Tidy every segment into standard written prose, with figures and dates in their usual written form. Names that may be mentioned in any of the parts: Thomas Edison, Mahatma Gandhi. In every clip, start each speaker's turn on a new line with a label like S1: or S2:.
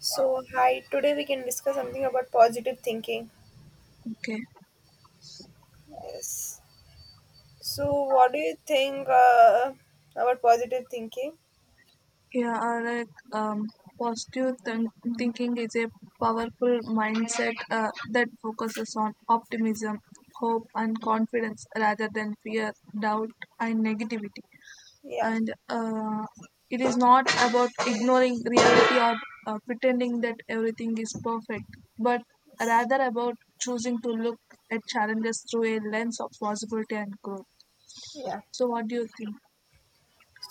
S1: So, hi, today we can discuss something about positive thinking.
S2: Okay.
S1: Yes. So, what do you think about positive thinking?
S2: Yeah, like um, positive thinking is a powerful mindset that focuses on optimism, hope, and confidence rather than fear, doubt, and negativity.
S1: Yeah.
S2: And it is not about ignoring reality or pretending that everything is perfect, but rather about choosing to look at challenges through a lens of possibility and growth.
S1: Yeah.
S2: So, what do you think?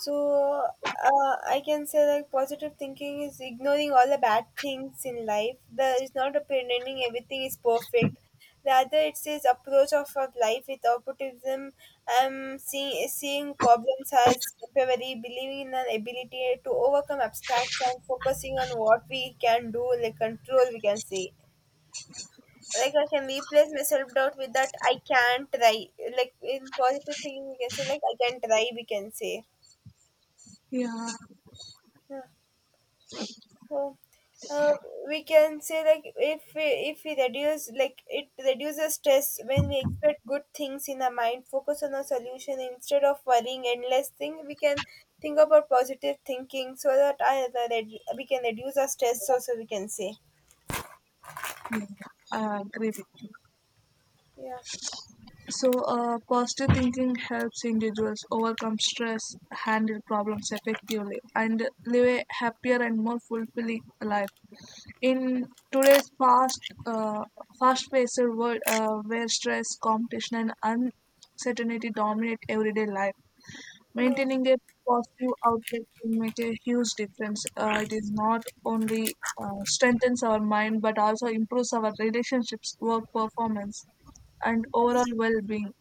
S1: So I can say like positive thinking is ignoring all the bad things in life. There is not a pretending everything is perfect. Rather, it's this approach of our life with optimism. Seeing problems as temporary, believing in an ability to overcome obstacles, and focusing on what we can do, like control. We can say like I can replace my self doubt with that I can try. Like in positive thinking, we can say like I can try. We can say.
S2: Yeah,
S1: Yeah. Uh, uh, we can say like if we reduce like it reduces stress when we expect good things in our mind focus on a solution instead of worrying endless thing we can think about positive thinking so that we can reduce our stress also we can say
S2: yeah, I agree with you.
S1: yeah.
S2: So, positive thinking helps individuals overcome stress, handle problems effectively, and live a happier and more fulfilling life. In today's uh, fast-paced world, where stress, competition, and uncertainty dominate everyday life,
S1: Mm,
S2: maintaining a positive outlook can make a huge difference. It is not only strengthens our mind, but also improves our relationships, work performance, and overall
S1: yes,
S2: well-being,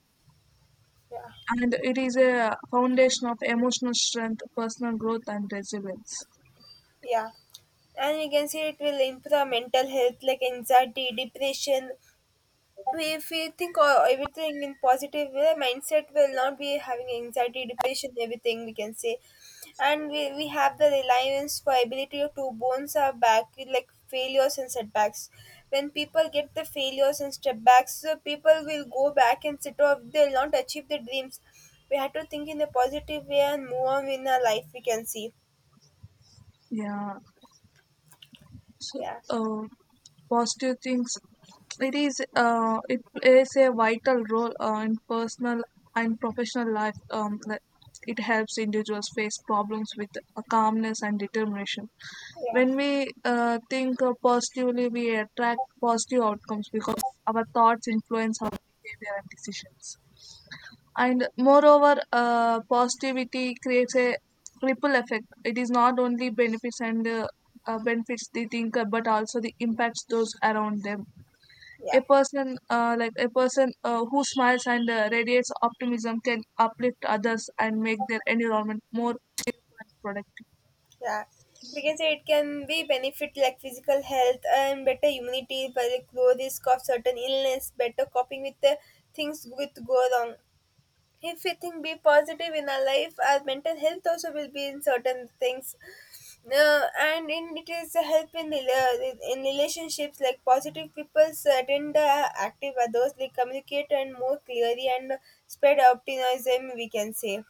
S1: yeah,
S2: and it is a foundation of emotional strength, personal growth, and resilience.
S1: yeah, and we can see it will improve our mental health like anxiety depression. So, if we think o- everything in positive way mindset will not be having anxiety depression everything we can say, and we have the reliance for ability to bones are back, like failures and setbacks. When people get the failures and setbacks so people will go back and sit off they'll not achieve their dreams. We have to think in a positive way and move on in our life we can see.
S2: Yeah. So,
S1: Yeah,
S2: uh, positive things. It is. It plays a vital role in personal and professional life. Like, it helps individuals face problems with calmness and determination.
S1: yeah,
S2: When we think positively, we attract positive outcomes because our thoughts influence our behavior and decisions. And moreover positivity creates a ripple effect. It is not only benefits and benefits the thinker but also the impacts those around them.
S1: yeah.
S2: A person Like a person who smiles and radiates optimism can uplift others and make their environment more productive.
S1: Yeah, we can say it can be benefit like physical health and better immunity, but like low risk of certain illness, better coping with the things which go wrong. If we think be positive in our life, our mental health also will be in certain things. And in it is a help in in relationships like positive people attend active others they communicate and more clearly and spread optimism we can say.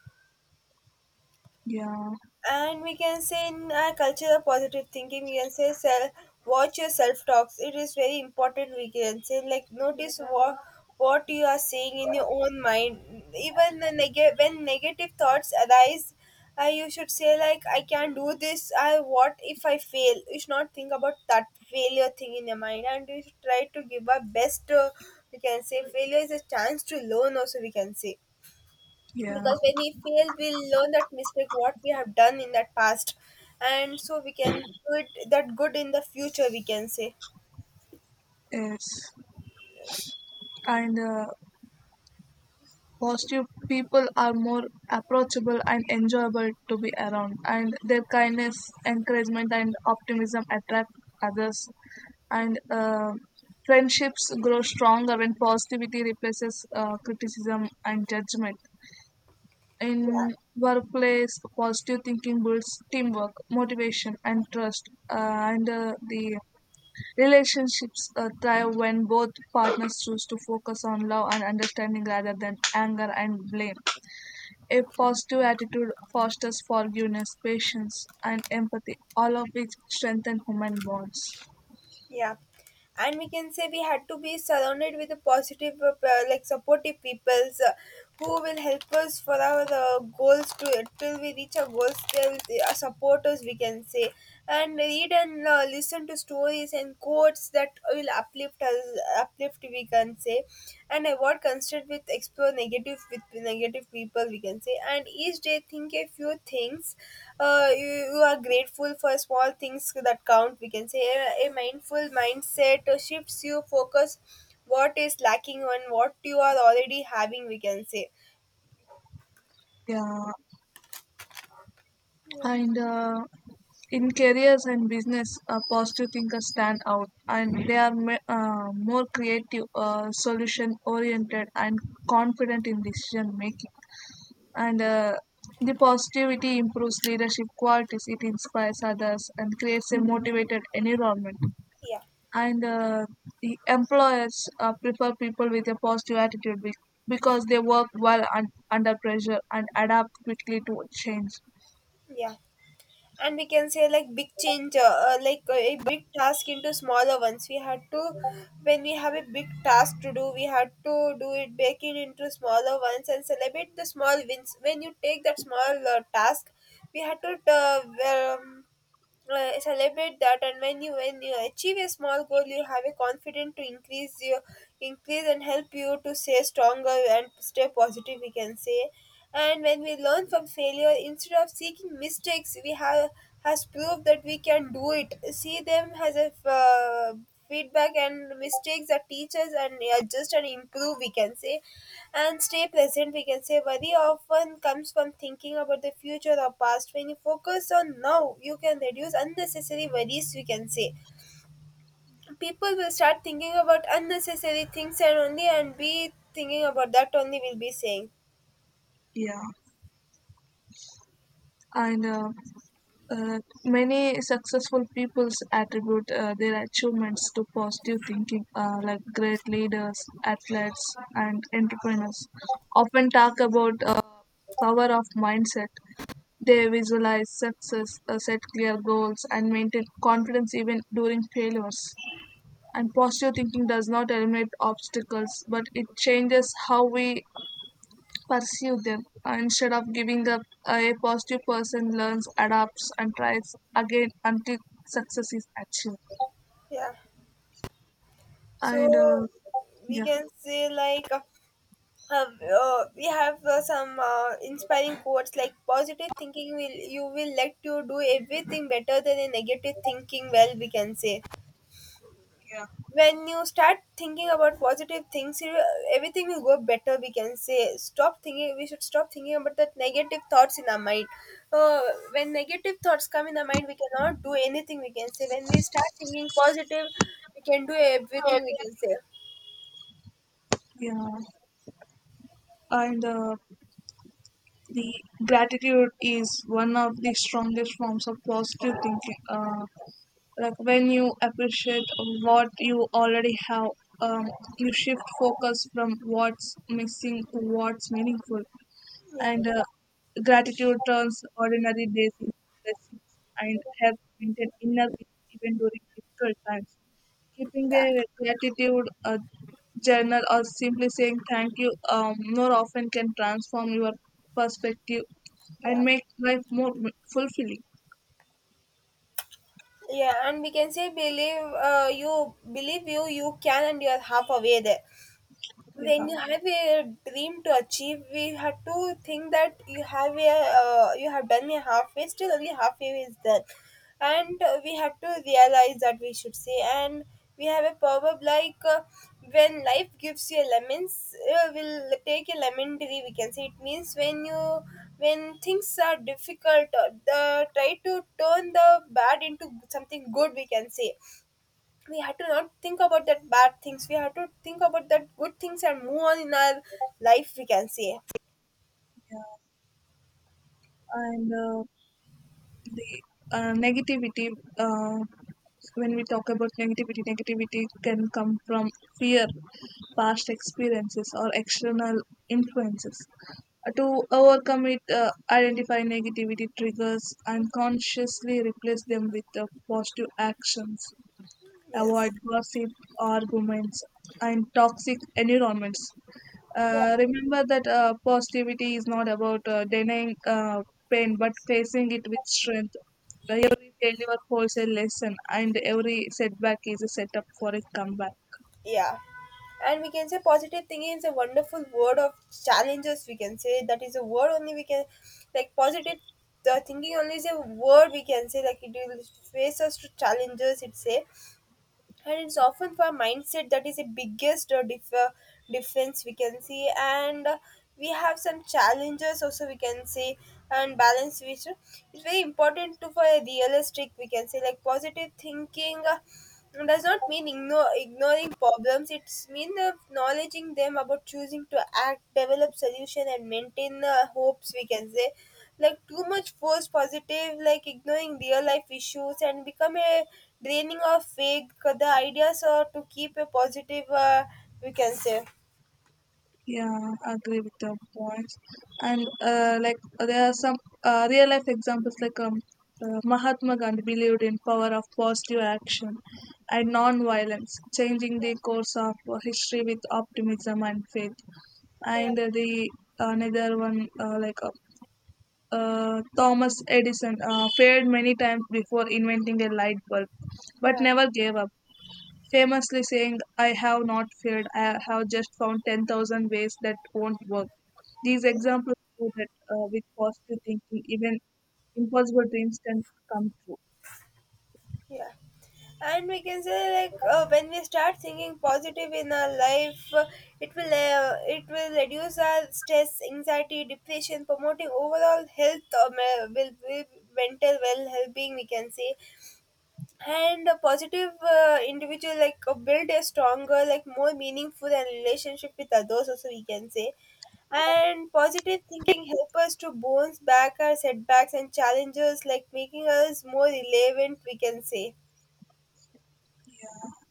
S2: Yeah.
S1: And we can say in our culture of positive thinking we can say self, watch your self talks it is very important we can say, like notice what you are saying in your own mind even the when negative thoughts arise. Uh, you should say like I can't do this, I what if I fail, you should not think about that failure thing in your mind and you should try to give our best. We can say failure is a chance to learn also we can say,
S2: Yeah.
S1: because when we fail we'll learn that mistake what we have done in that past and so we can do it that good in the future we can say.
S2: Yes.
S1: Yes.
S2: And positive people are more approachable and enjoyable to be around, and their kindness, encouragement, and optimism attract others. And friendships grow stronger when positivity replaces criticism and judgment.
S1: Yeah,
S2: In workplace, positive thinking builds teamwork, motivation, and trust. And the relationships thrive when both partners choose to focus on love and understanding rather than anger and blame. A positive attitude fosters forgiveness, patience, and empathy, all of which strengthen human bonds.
S1: yeah, and we can say we had to be surrounded with a positive like supportive peoples who will help us for our goals to till we reach our goals till they are supporters we can say. And read and listen to stories and quotes that will uplift us, uplift we can say. And avoid constant with explore negative with negative people we can say, and each day think a few things you are grateful for small things that count we can say. A a, mindful mindset shifts you focus what is lacking and what you are already having we can say.
S2: Yeah,
S1: Yeah,
S2: and in careers and business, positive thinkers stand out, and they are more creative, solution-oriented, and confident in decision making. And the positivity improves leadership qualities. It inspires others and creates a motivated environment.
S1: yeah,
S2: And the employers prefer people with a positive attitude because they work well under pressure and adapt quickly to change.
S1: yeah, and we can say like big change, like a big task into smaller ones we had to, when we have a big task to do we had to do it, break it into smaller ones and celebrate the small wins when you take that small task. We had to celebrate that, and when you achieve a small goal you have a confidence to increase your, increase and help you to stay stronger and stay positive we can say. And when we learn from failure instead of seeking mistakes we have has proved that we can do it, see them as a feedback and mistakes that teach us and adjust and improve we can say. And stay present, we can say worry often comes from thinking about the future or past. When you focus on now, you can reduce unnecessary worries, we can say. People will start thinking about unnecessary things and only and be thinking about that only we'll be saying.
S2: Yeah, and many successful peoples attribute their achievements to positive thinking, like great leaders, athletes, and entrepreneurs often talk about power of mindset. They visualize success, set clear goals, and maintain confidence even during failures. And positive thinking does not eliminate obstacles, but it changes how we pursue them. Instead of giving up, a positive person learns, adapts, and tries again until success is achieved.
S1: Yeah. So
S2: And
S1: we
S2: yeah,
S1: can say like, uh, we have some inspiring quotes like positive thinking will you will let you do everything better than a negative thinking well we can say.
S2: Yeah.
S1: When you start thinking about positive things you, everything will go better we can say. Stop thinking, we should stop thinking about that negative thoughts in our mind. uh, when negative thoughts come in our mind we cannot do anything we can say. When we start thinking positive we can do everything we can say.
S2: Yeah. And the gratitude is one of the strongest forms of positive thinking. Like when you appreciate what you already have, um, you shift focus from what's missing to what's meaningful.
S1: Yeah,
S2: And gratitude turns ordinary days into blessings and helps maintain inner peace even during difficult times. Keeping a gratitude journal or simply saying thank you more often can transform your perspective and
S1: yeah,
S2: make life more fulfilling.
S1: yeah, and we can say believe, you believe you can and you are half away there.
S2: Yeah.
S1: When you have a dream to achieve we have to think that you have a you have done a halfway still only halfway is done. And we have to realize that we should say. And we have a proverb like, when life gives you lemons will take a lemon tree we can say. It means when you, when things are difficult, try to turn the bad into something good we can say. We had to not think about that bad things, we had to think about that good things and move on in our life we can say.
S2: Yeah. And the negativity uh, when we talk about negativity, negativity can come from fear, past experiences, or external influences. To overcome it, identify negativity triggers and consciously replace them with positive actions.
S1: Yes,
S2: Avoid gossip, arguments, and toxic environments.
S1: yeah,
S2: Remember that positivity is not about denying pain but facing it with strength. Every failure holds a lesson, and every setback is a setup for a comeback.
S1: yeah. And we can say positive thinking is a wonderful word of challenges we can say, that is a word only we can, like positive the thinking only is a word we can say, like it will face us to challenges It say. And it's often for mindset that is the biggest difference we can see. And we have some challenges also we can say. And balance which it's very important to for a realistic we can say, like positive thinking it does not mean ignoring problems. It's mean acknowledging them about choosing to act, develop solution, and maintain hopes. We can say, like too much force positive, like ignoring real life issues and become a draining of faith. 'Cause the ideas are to keep a positive. We can say,
S2: Yeah, I agree with your points. And like there are some real life examples like Mahatma Gandhi believed in power of positive action and non-violence, changing the course of history with optimism and faith.
S1: yeah,
S2: And the another one Thomas Edison failed many times before inventing a light bulb, but
S1: yeah,
S2: never gave up. Famously saying, "I have not failed. I have just found 10,000 ways that won't work." These
S1: yes.
S2: examples show that with positive thinking, even impossible dreams can come true.
S1: Yeah. And we can say like, when we start thinking positive in our life, it will reduce our stress, anxiety, depression, promoting overall health, mental well being we can say. And a positive individual like build a stronger, like more meaningful and relationship with others. Also, we can say, and positive thinking help us to bounce back our setbacks and challenges, like making us more relevant. We can say,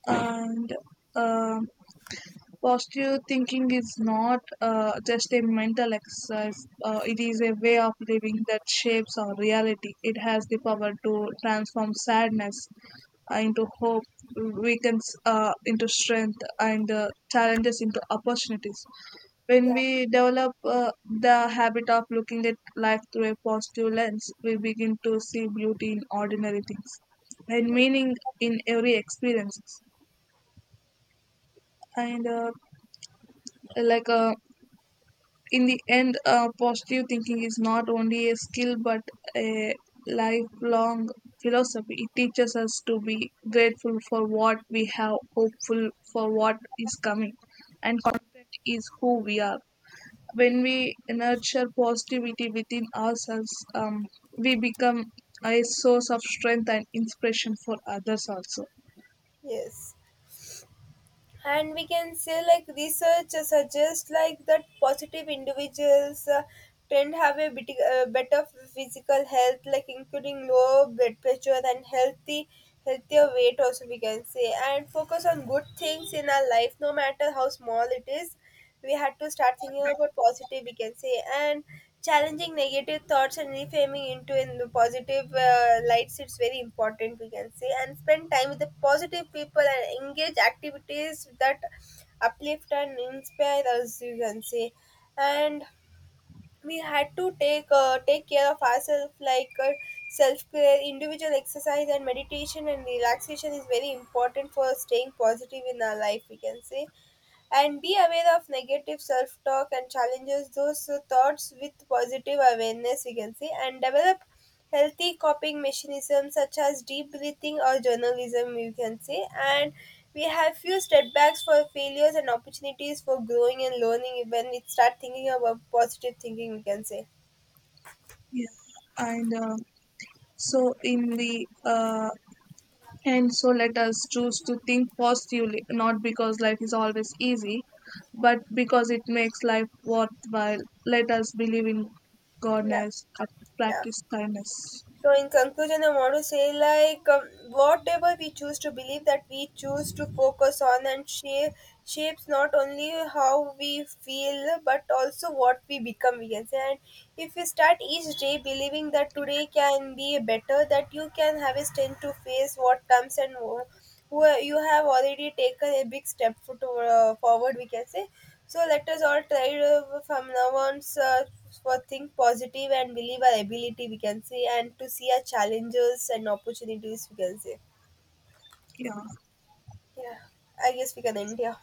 S2: And um positive thinking is not just a mental exercise, it is a way of living that shapes our reality. It has the power to transform sadness into hope, weakens into strength, and challenges into opportunities. When
S1: yeah.
S2: we develop the habit of looking at life through a positive lens, we begin to see beauty in ordinary things and meaning in every experience. And like in the end, positive thinking is not only a skill but a lifelong philosophy. It teaches us to be grateful for what we have, hopeful for what is coming, and confident is who we are. When we nurture positivity within ourselves, we become a source of strength and inspiration for others also.
S1: Yes, and we can say like research suggests like that positive individuals tend have a bit, better physical health, like including low blood pressure and healthy healthier weight also we can say. And focus on good things in our life no matter how small it is, we had to start thinking about positive we can say. And challenging negative thoughts and reframing into in positive lights, it's very important, we can say. And spend time with the positive people and engage activities that uplift and inspire us, you can say. And we had to take take care of ourselves, like self care, individual exercise, and meditation and relaxation is very important for staying positive in our life, we can say. And be aware of negative self talk and challenges those thoughts with positive awareness we can say. And develop healthy coping mechanisms such as deep breathing or journalism you can say. And we have few setbacks for failures and opportunities for growing and learning when we start thinking about positive thinking we can say.
S2: Yeah, and so in the and so let us choose to think positively, not because life is always easy, but because it makes life worthwhile. Let us believe in
S1: Yeah,
S2: goodness,
S1: yeah.
S2: practice kindness.
S1: So, in conclusion, I want to say like, whatever we choose to believe that we choose to focus on and shapes not only how we feel but also what we become. We can say, and if you start each day believing that today can be better, that you can have a strength to face what comes and who you have already taken a big step for, to, forward. We can say. So let us all try to, from now on sir, for think positive and believe our ability we can say and to see our challenges and opportunities we can say.
S2: Yeah.
S1: Yeah. I guess we can end here.